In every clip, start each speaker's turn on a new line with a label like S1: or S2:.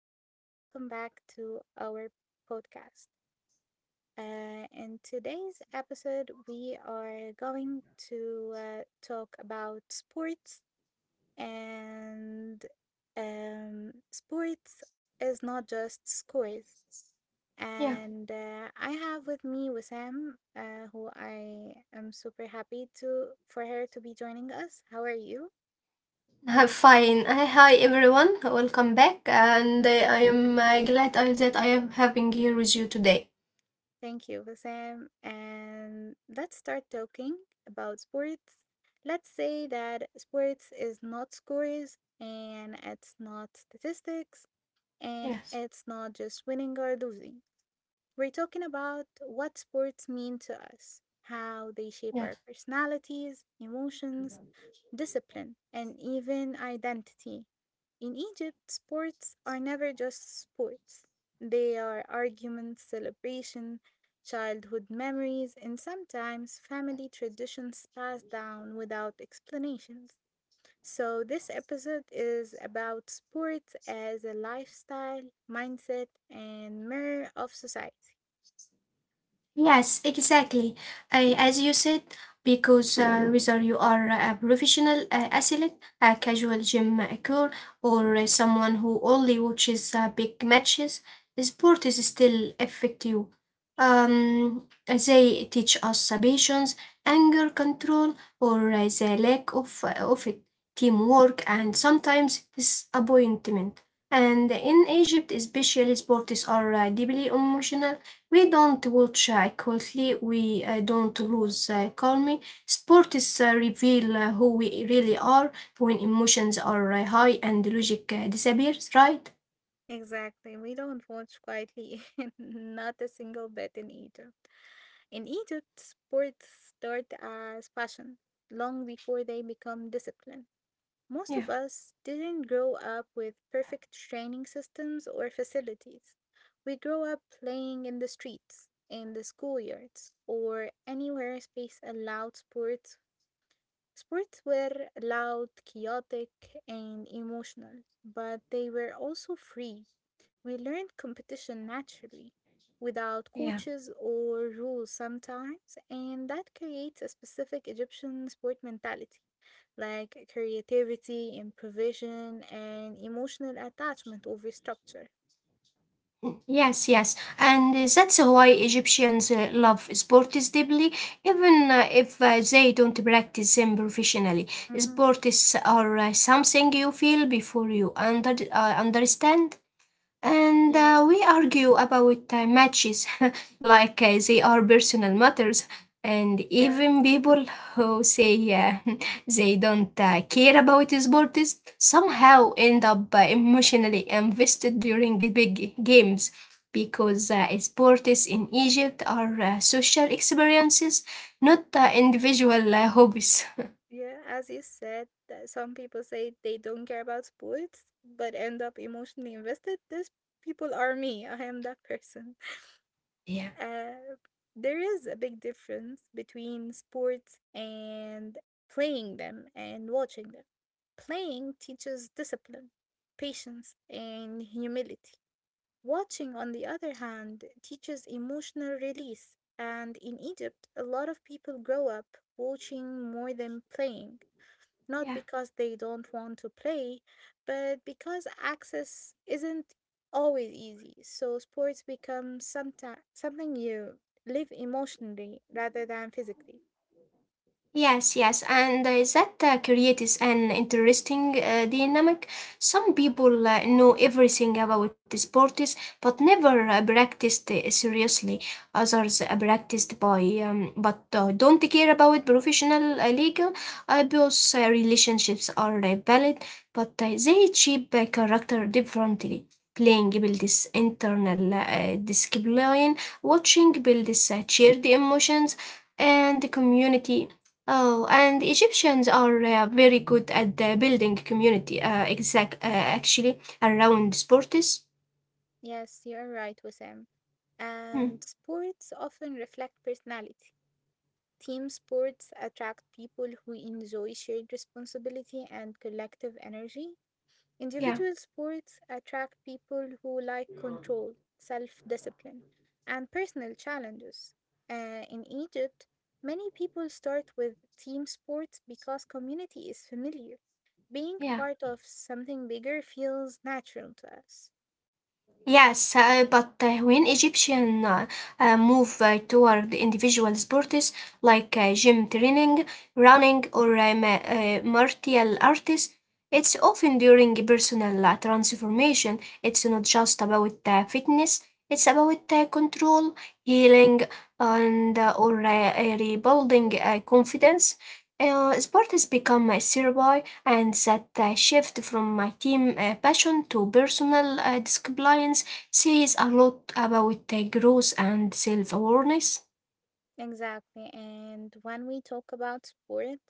S1: and welcome back to our podcast. In today's episode, we are going to talk about sports, and sports is not just scores. And I have with me Wissam, who I am super happy to for her to be joining us. How are you?
S2: Hi, fine. Hi, everyone. Welcome back, and I am glad that I am having here with you today.
S1: Thank you, Bassam. And let's start talking about sports. Let's say that sports is not scores and it's not statistics and
S2: Yes.
S1: it's not just winning or losing. We're talking about what sports mean to us, how they shape
S2: Yeah.
S1: our personalities, emotions, discipline, and even identity. In Egypt, sports are never just sports. They are arguments, celebration, childhood memories, and sometimes family traditions passed down without explanations. So, this episode is about sports as a lifestyle, mindset, and mirror of society.
S2: Yes, exactly. As you said, because whether you are a professional athlete, a casual gym occur, or someone who only watches big matches, sport is still effective. They teach us patience, anger control, or the lack of it, teamwork, and sometimes disappointment. And in Egypt, especially sports are deeply emotional. We don't watch equally, we don't lose calmly. Sports reveal who we really are when emotions are high and logic disappears, right?
S1: Exactly. We don't watch quietly, not a single bit in Egypt. In Egypt, sports start as passion long before they become discipline. Most of
S2: Yeah,
S1: us didn't grow up with perfect training systems or facilities. We grow up playing in the streets, in the schoolyards, or anywhere space allowed sports. Sports were loud, chaotic, and emotional, but they were also free. We learned competition naturally, without
S2: yeah.
S1: coaches or rules sometimes, and that creates a specific Egyptian sport mentality, like creativity, improvisation, and emotional attachment over structure.
S2: Yes, yes, and that's why Egyptians love sports deeply, even if they don't practice them professionally.
S1: Mm-hmm.
S2: Sports are something you feel before you understand. And
S1: Yes,
S2: we argue about matches like they are personal matters. And
S1: yes.
S2: even people who say they don't care about sports somehow end up emotionally invested during big games, because sports in Egypt are social experiences, not individual hobbies.
S1: Yeah, as you said, that some people say they don't care about sports but end up emotionally invested. These people are me. I am that person.
S2: Yeah.
S1: Uh, there is a big difference between sports and playing them and watching them. Playing teaches discipline, patience, and humility. Watching, on the other hand, teaches emotional release. And in Egypt, a lot of people grow up watching more than playing, not
S2: Yeah.
S1: because they don't want to play, but because access isn't always easy. So sports become something you live emotionally rather than physically.
S2: Yes, yes, and that creates an interesting dynamic. Some people know everything about the sports but never practiced seriously. Others practiced by but don't care about professional legal. Both relationships are valid, but they shape character differently. Playing builds internal discipline, watching builds shared emotions and the community. Oh, and Egyptians are very good at building community. Actually, around sports.
S1: Yes, you're right, Wissam.
S2: Hmm.
S1: And sports often reflect personality. Team sports attract people who enjoy shared responsibility and collective energy.
S2: Yeah,
S1: Individual sports attract people who like control, self discipline, and personal challenges. In Egypt, many people start with team sports because community is familiar. Being
S2: yeah.
S1: part of something bigger feels natural to us.
S2: Yes, but when Egyptian move toward individual sports like gym training, running, or martial artists, it's often during personal transformation. It's not just about fitness; it's about control, healing, and or rebuilding confidence. Sports become a therapy, and that shift from my team passion to personal discipline says a lot about growth and self awareness.
S1: Exactly. And when we talk about sport,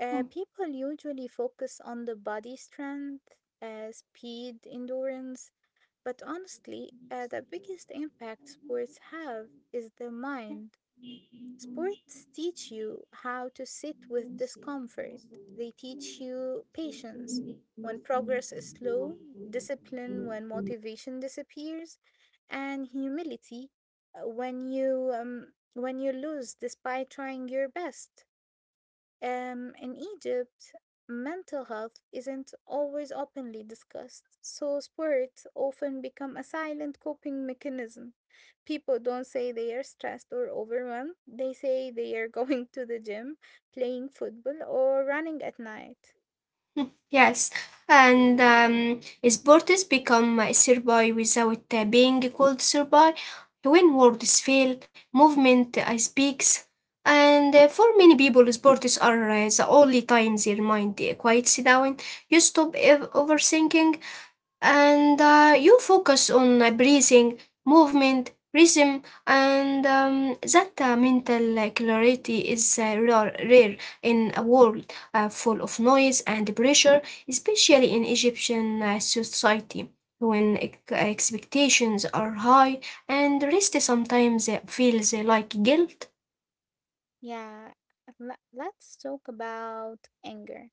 S1: people usually focus on the body strength, speed, endurance. But honestly, the biggest impact sports have is the mind. Sports teach you how to sit with discomfort, they teach you patience when progress is slow, discipline when motivation disappears, and humility when you lose despite trying your best. In Egypt, mental health isn't always openly discussed, so sports often become a silent coping mechanism. People don't say they are stressed or overwhelmed, they say they are going to the gym, playing football, or running at night.
S2: Yes, and sports become a survey without being called survey. When words fail, movement speaks. And for many people, sports are the only time their mind quiets down. You stop overthinking, and you focus on breathing, movement, rhythm, and that mental clarity is rare in a world full of noise and pressure, especially in Egyptian society. When expectations are high and rest sometimes feels like guilt.
S1: Yeah, let's talk about anger,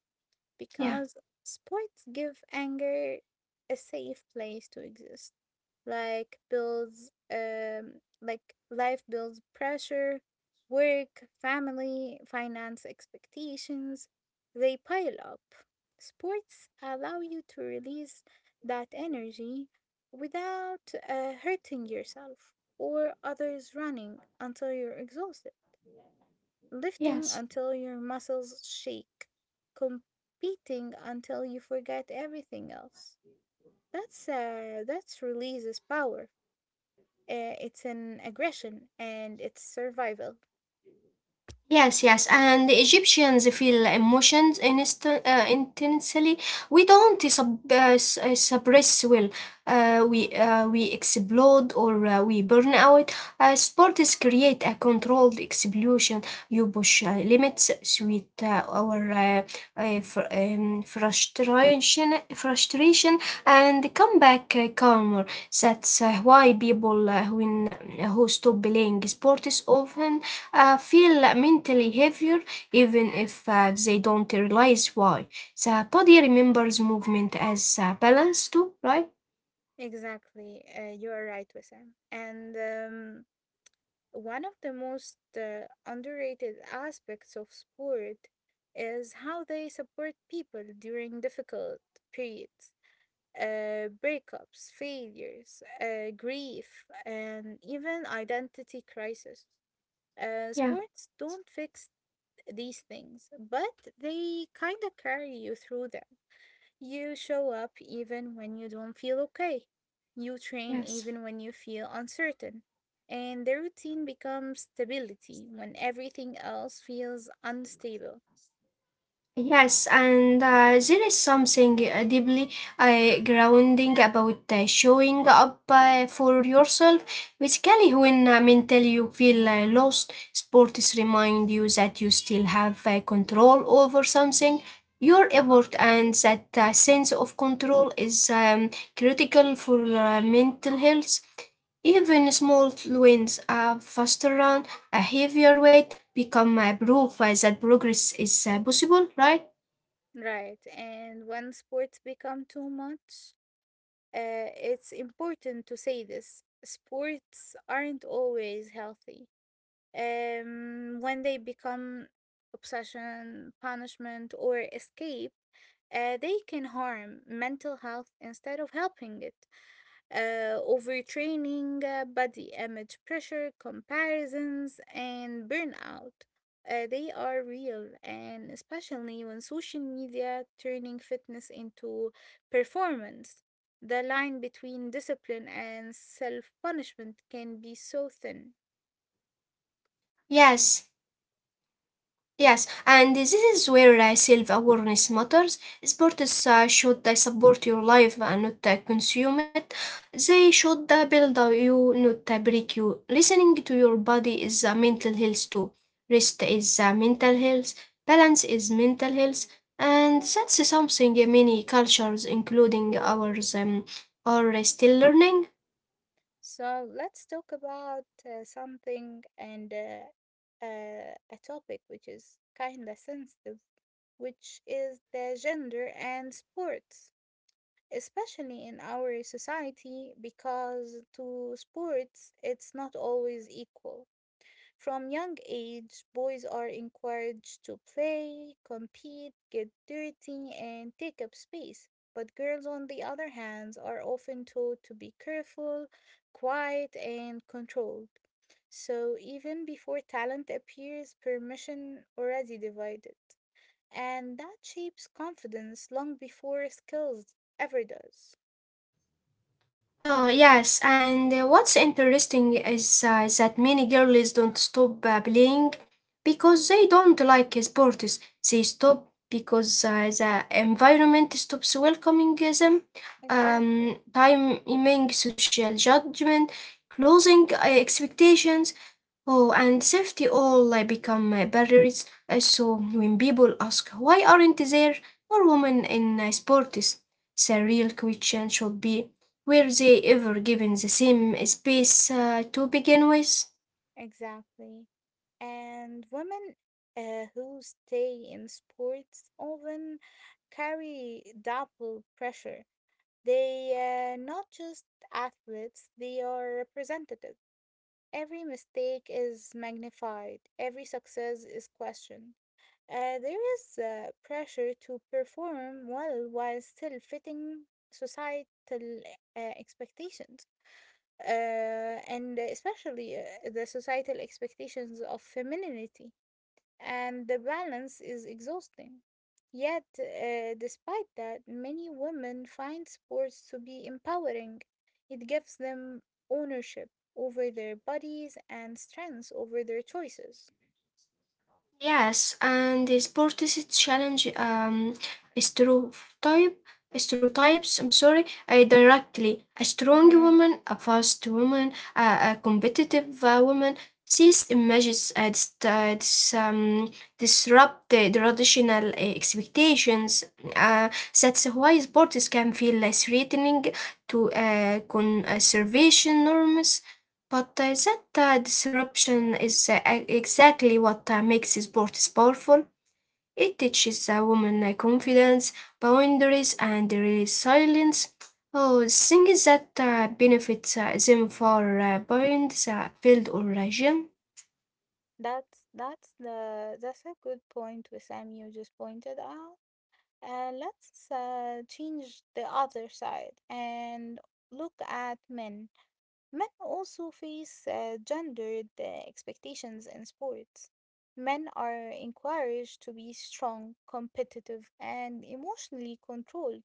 S2: Yeah,
S1: because sports give anger a safe place to exist. Like life builds pressure, work, family, finance expectations, they pile up. Sports allow you to release that energy without hurting yourself or others, running until you're exhausted, lifting
S2: yes.
S1: until your muscles shake, competing until you forget everything else. That's releases power. It's an aggression and it's survival.
S2: Yes, yes, and the Egyptians feel emotions intensely. We don't suppress well. We explode or we burn out. Sports create a controlled explosion. You push limits, sweet our frustration, and come back calmer. That's why people when who stop playing sports often feel mentally heavier even if they don't realize why. The body remembers movement as balance too, right?
S1: Exactly, you are right, Wissam. And one of the most underrated aspects of sport is how they support people during difficult periods. Breakups, failures, grief, and even identity crisis.
S2: Yeah,
S1: Sports don't fix these things, but they kind of carry you through them. You show up even when you don't feel okay. You train
S2: yes.
S1: even when you feel uncertain. And the routine becomes stability when everything else feels unstable.
S2: Yes, and there is something deeply grounding about showing up for yourself. Basically, when mentally you feel lost, sports remind you that you still have control over something. Your effort and that sense of control is critical for mental health. Even small wins, a faster run, a heavier weight, become a proof that progress is possible, right?
S1: Right, and when sports become too much, it's important to say this: sports aren't always healthy. When they become obsession, punishment, or escape, they can harm mental health instead of helping it. Overtraining, body image pressure, comparisons, and burnout. They are real, and especially when social media turning fitness into performance. The line between discipline and self punishment can be so thin.
S2: Yes, yes, and this is where self awareness matters. Sports should support your life and not consume it. They should build you, not break you. Listening to your body is mental health too. Rest is mental health, balance is mental health. And that's something many cultures, including ours, are still learning.
S1: So, let's talk about something, and a topic which is kind of sensitive, which is the gender and sports, especially in our society, because to sports it's not always equal. From young age, boys are encouraged to play, compete, get dirty, and take up space. But girls, on the other hand, are often told to be careful, quiet, and controlled. So even before talent appears, permission already divided. And that shapes confidence long before skills ever does.
S2: Oh, yes, and what's interesting is that many girls don't stop playing because they don't like sports. They stop because the environment stops welcoming them.
S1: Exactly,
S2: Timing, social judgment, closing expectations. Oh, and safety all become barriers. So when people ask why aren't there more women in sports, the real question should be: were they ever given the same space to begin with?
S1: exactly. And women who stay in sports often carry double pressure. They are not just athletes, they are representative. Every mistake is magnified, every success is questioned. There is pressure to perform well while still fitting societal expectations. uh, and especially the societal expectations of femininity, and the balance is exhausting. Yet, despite that, many women find sports to be empowering. It gives them ownership over their bodies and strength over their choices.
S2: Yes, and the sport is a challenge, stereotype stereotypes, I'm sorry, directly. A strong
S1: Mm-hmm,
S2: woman, a fast woman, a competitive woman. These images disrupt the traditional expectations. Uh, that's why sports can feel threatening to conservation norms, but that disruption is exactly what makes sports powerful. It teaches a woman
S1: mm-hmm.
S2: confidence, boundaries, and resilience. Oh, things that benefits them for beyond the field or gym.
S1: That's the that's a good point, Wissam, you just pointed out. Let's change the other side and look at men. Men also face gendered expectations in sports. Men are encouraged to be strong, competitive, and emotionally controlled.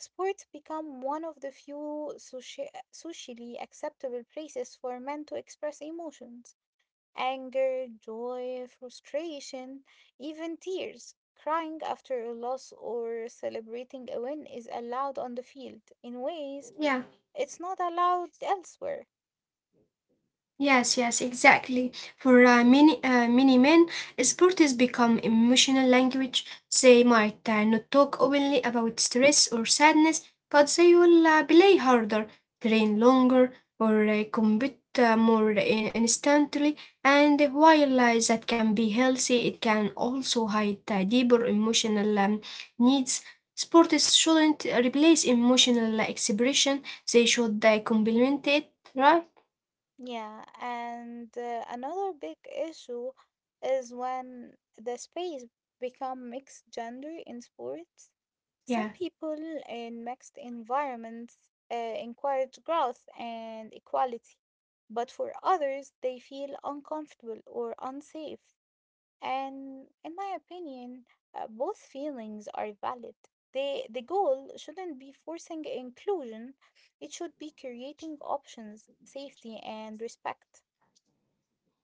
S1: Sports become one of the few socially acceptable places for men to express emotions. Anger, joy, frustration, even tears. Crying after a loss or celebrating a win is allowed on the field in ways
S2: Yeah.
S1: it's not allowed elsewhere.
S2: Yes, yes, exactly. For many men, sport has become emotional language. They might not talk openly about stress or sadness, but they will play harder, train longer, or compete more instantly. And while that can be healthy, it can also hide deeper emotional needs. Sport shouldn't replace emotional expression; they should complement it, right?
S1: Yeah, and another big issue is when the space become mixed gender in sports. Some
S2: Yeah.
S1: people in mixed environments encourage growth and equality, but for others they feel uncomfortable or unsafe. And in my opinion, both feelings are valid. The goal shouldn't be forcing inclusion, it should be creating options, safety, and respect.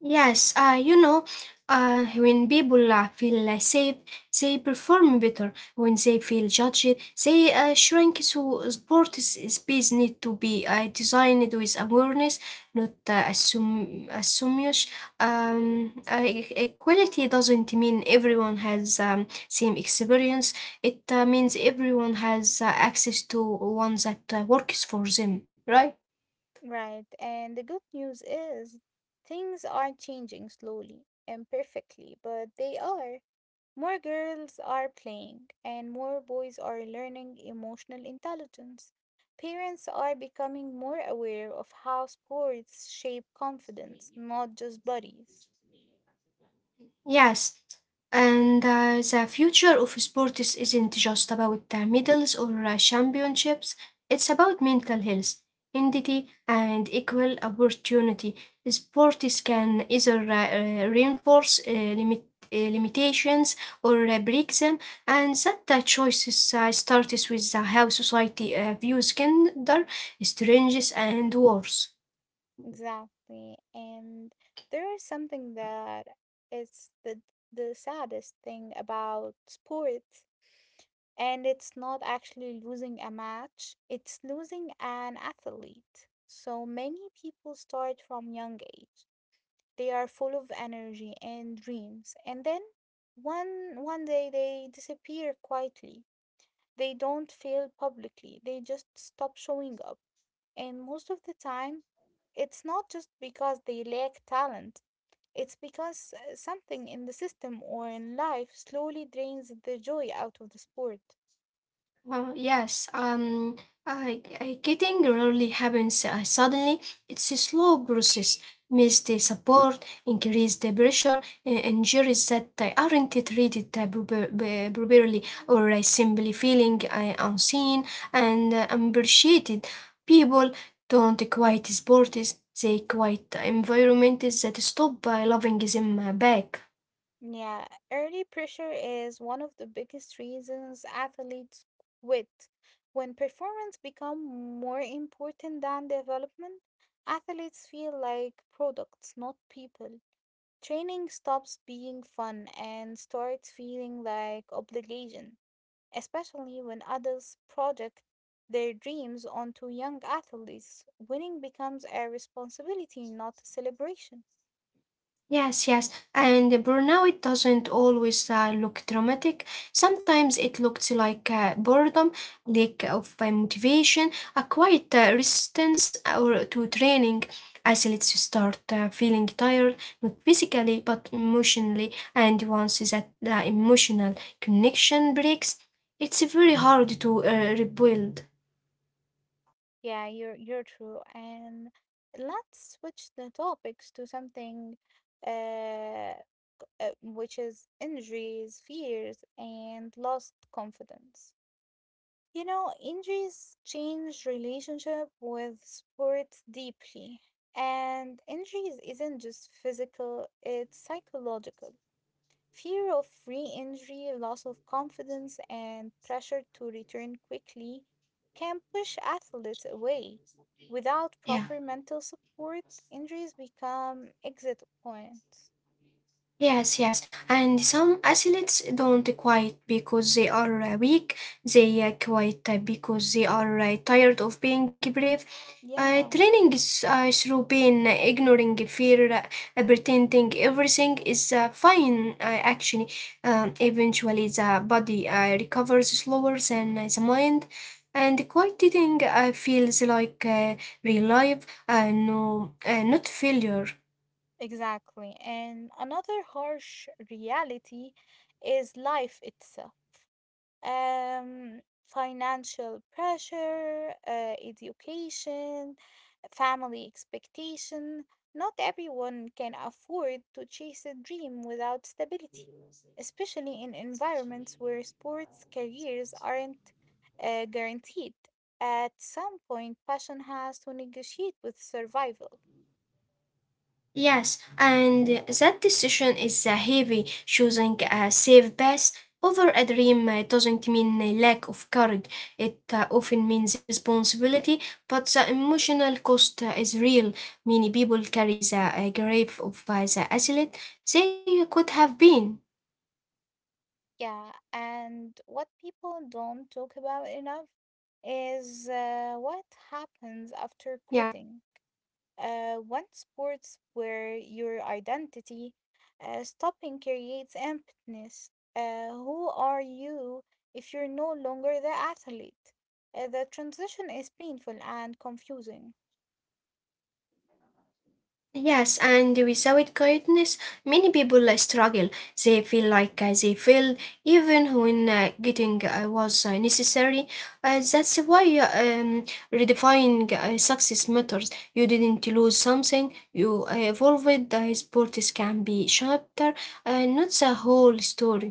S2: Yes, when people feel safe, they perform better. When they feel judged, they shrink. So sport is space need to be designed with awareness, not assume assumish. Equality doesn't mean everyone has same experience. It means everyone has access to one that works for them, right?
S1: Right, and the good news is things are changing slowly, imperfectly, but they are. More girls are playing, and more boys are learning emotional intelligence. Parents are becoming more aware of how sports shape confidence, not just bodies.
S2: Yes, and the future of sports isn't just about medals or championships, it's about mental health, identity, and equal opportunity. Sports can either reinforce limitations or break them, and that choices starts with how society views gender, strangers, and wars.
S1: Exactly. And there is something that is the saddest thing about sports, and it's not actually losing a match, it's losing an athlete. So many people start from young age. They are full of energy and dreams. And then one day they disappear quietly. They don't fail publicly. They just stop showing up. And most of the time, it's not just because they lack talent. It's because something in the system or in life slowly drains the joy out of the sport.
S2: Yes, I getting rarely happens suddenly. It's a slow process. Miss the support, increase the pressure, injuries that aren't treated properly, or simply feeling unseen and unappreciated. People don't quite support this. They quite environments that stop by loving them back.
S1: Yeah, early pressure is one of the biggest reasons athletes quit. When performance become more important than development, athletes feel like products, not people. Training stops being fun and starts feeling like obligation, especially when others project their dreams onto young athletes. Winning becomes a responsibility, not a celebration.
S2: Yes, yes, and burnout doesn't always look dramatic. Sometimes it looks like boredom, lack of motivation, a quiet resistance or to training. Athletes start feeling tired, not physically but emotionally, and once that the emotional connection breaks, it's very hard to rebuild.
S1: Yeah, you're true. And let's switch the topics to something uh, which is injuries, fears, and lost confidence. You know, injuries change relationship with sports deeply. And injuries isn't just physical, it's psychological. Fear of re injury, loss of confidence, and pressure to return quickly can push athletes away. Without
S2: Yeah.
S1: proper mental support, injuries become exit points.
S2: Yes, yes. And some athletes don't quit because they are weak. They quit because they are tired of being brave.
S1: Yeah,
S2: Training is through pain, ignoring fear, pretending everything is fine. Actually, eventually the body recovers slower than the mind. And quieting feels like real life, no, not failure.
S1: exactly. And another harsh reality is life itself. Financial pressure, education, family expectation. Not everyone can afford to chase a dream without stability, especially in environments where sports careers aren't guaranteed. At some point, passion has to negotiate with survival.
S2: Yes, and that decision is heavy. Choosing a safe path over a dream doesn't mean a lack of courage. It often means a responsibility, but the emotional cost is real. Many people carry the grief of the athlete they could have been.
S1: Yeah, and what people don't talk about enough is what happens after
S2: Yeah.
S1: quitting. One sports where your identity stopping creates emptiness. Who are you if you're no longer the athlete? The transition is painful and confusing.
S2: Yes, and without guidance, many people struggle. They feel like they failed even when getting was necessary. That's why redefining success matters. You didn't lose something, you evolved. The sports can be chapter, not the whole story.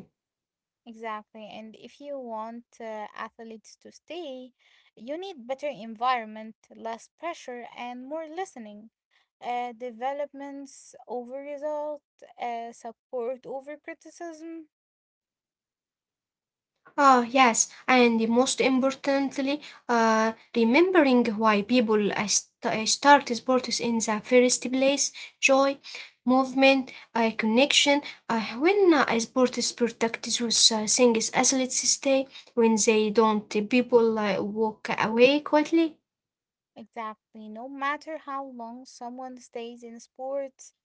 S1: Exactly, and if you want athletes to stay, you need better environment, less pressure, and more listening. Developments over result, support over criticism.
S2: Ah, yes, and most importantly, remembering why people start sports in the first place: joy, movement, connection. When sports protects those things athletes stay, when they don't, people walk away quietly.
S1: Exactly. No matter how long someone stays in sports,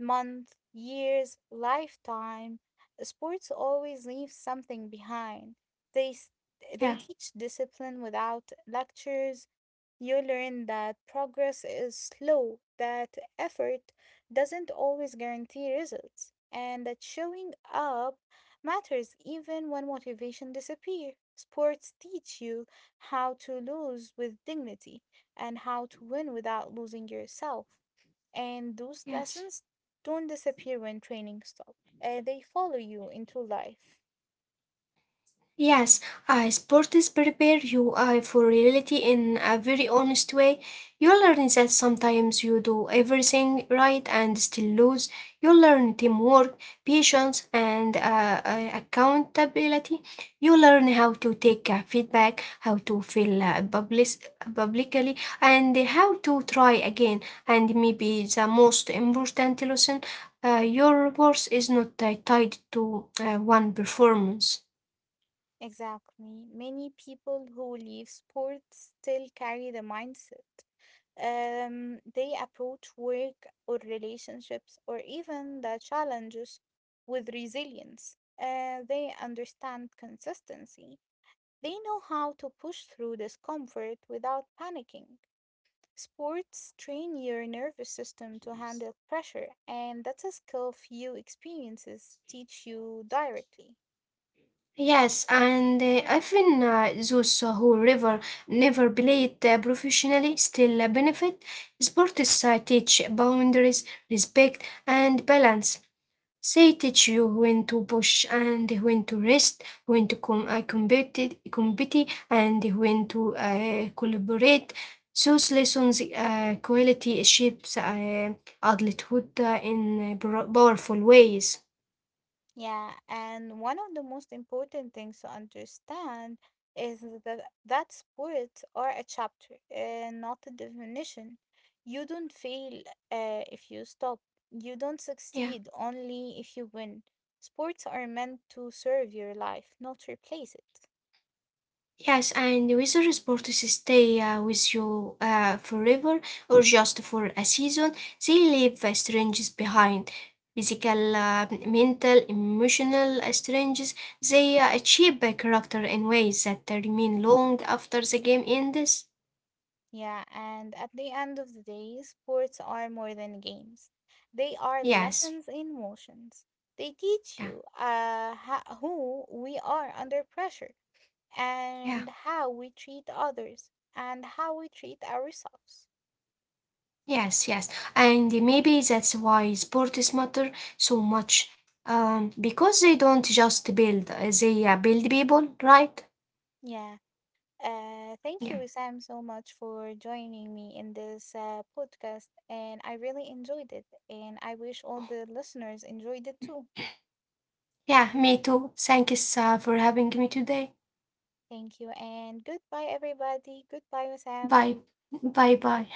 S1: month, years, lifetime. Sports always leave something behind. They s-
S2: Yeah,
S1: they teach discipline without lectures. You learn that progress is slow, that effort doesn't always guarantee results, and that showing up matters even when motivation disappears. Sports teach you how to lose with dignity and how to win without losing yourself. And those
S2: yes.
S1: lessons don't disappear when training stops. They follow you into life.
S2: Yes, sports prepare you for reality in a very honest way. You learn that sometimes you do everything right and still lose. You learn teamwork, patience, and accountability. You learn how to take feedback, how to feel publicly, and how to try again. And maybe the most important lesson: your worth is not tied to one performance.
S1: Exactly. Many people who leave sports still carry the mindset. They approach work or relationships or even the challenges with resilience. They understand consistency. They know how to push through discomfort without panicking. Sports train your nervous system to handle pressure, and that's a skill few experiences teach you directly.
S2: Yes, and even those who never played professionally still benefit. Sports teach boundaries, respect, and balance. They teach you when to push and when to rest, when to compete, and when to collaborate. Those lessons quality shapes adulthood in powerful ways.
S1: Yeah, and one of the most important things to understand is that sports are a chapter, not a definition. You don't fail if you stop, you don't
S2: Yeah.
S1: succeed only if you win. Sports are meant to serve your life, not replace it.
S2: Yes, and weather sports stay with you forever or just for a season. They leave strangers behind. Physical, mental, emotional strangers. They shape a character in ways that remain long after the game ends.
S1: Yeah, and at the end of the day, sports are more than games. They are
S2: Yes.
S1: lessons in motions. They teach
S2: Yeah.
S1: you who we are under pressure
S2: Yeah.
S1: and how we treat others and how we treat ourselves.
S2: Yes. Yes. And maybe that's why sports matter so much. Because they don't just build, they build people, right?
S1: Yeah. Thank you,
S2: Yeah.
S1: Sam, so much for joining me in this podcast. And I really enjoyed it. And I wish all the listeners enjoyed it too.
S2: Yeah, me too. Thanks for having me today.
S1: Thank you. And goodbye, everybody. Goodbye, Sam.
S2: Bye. Bye bye.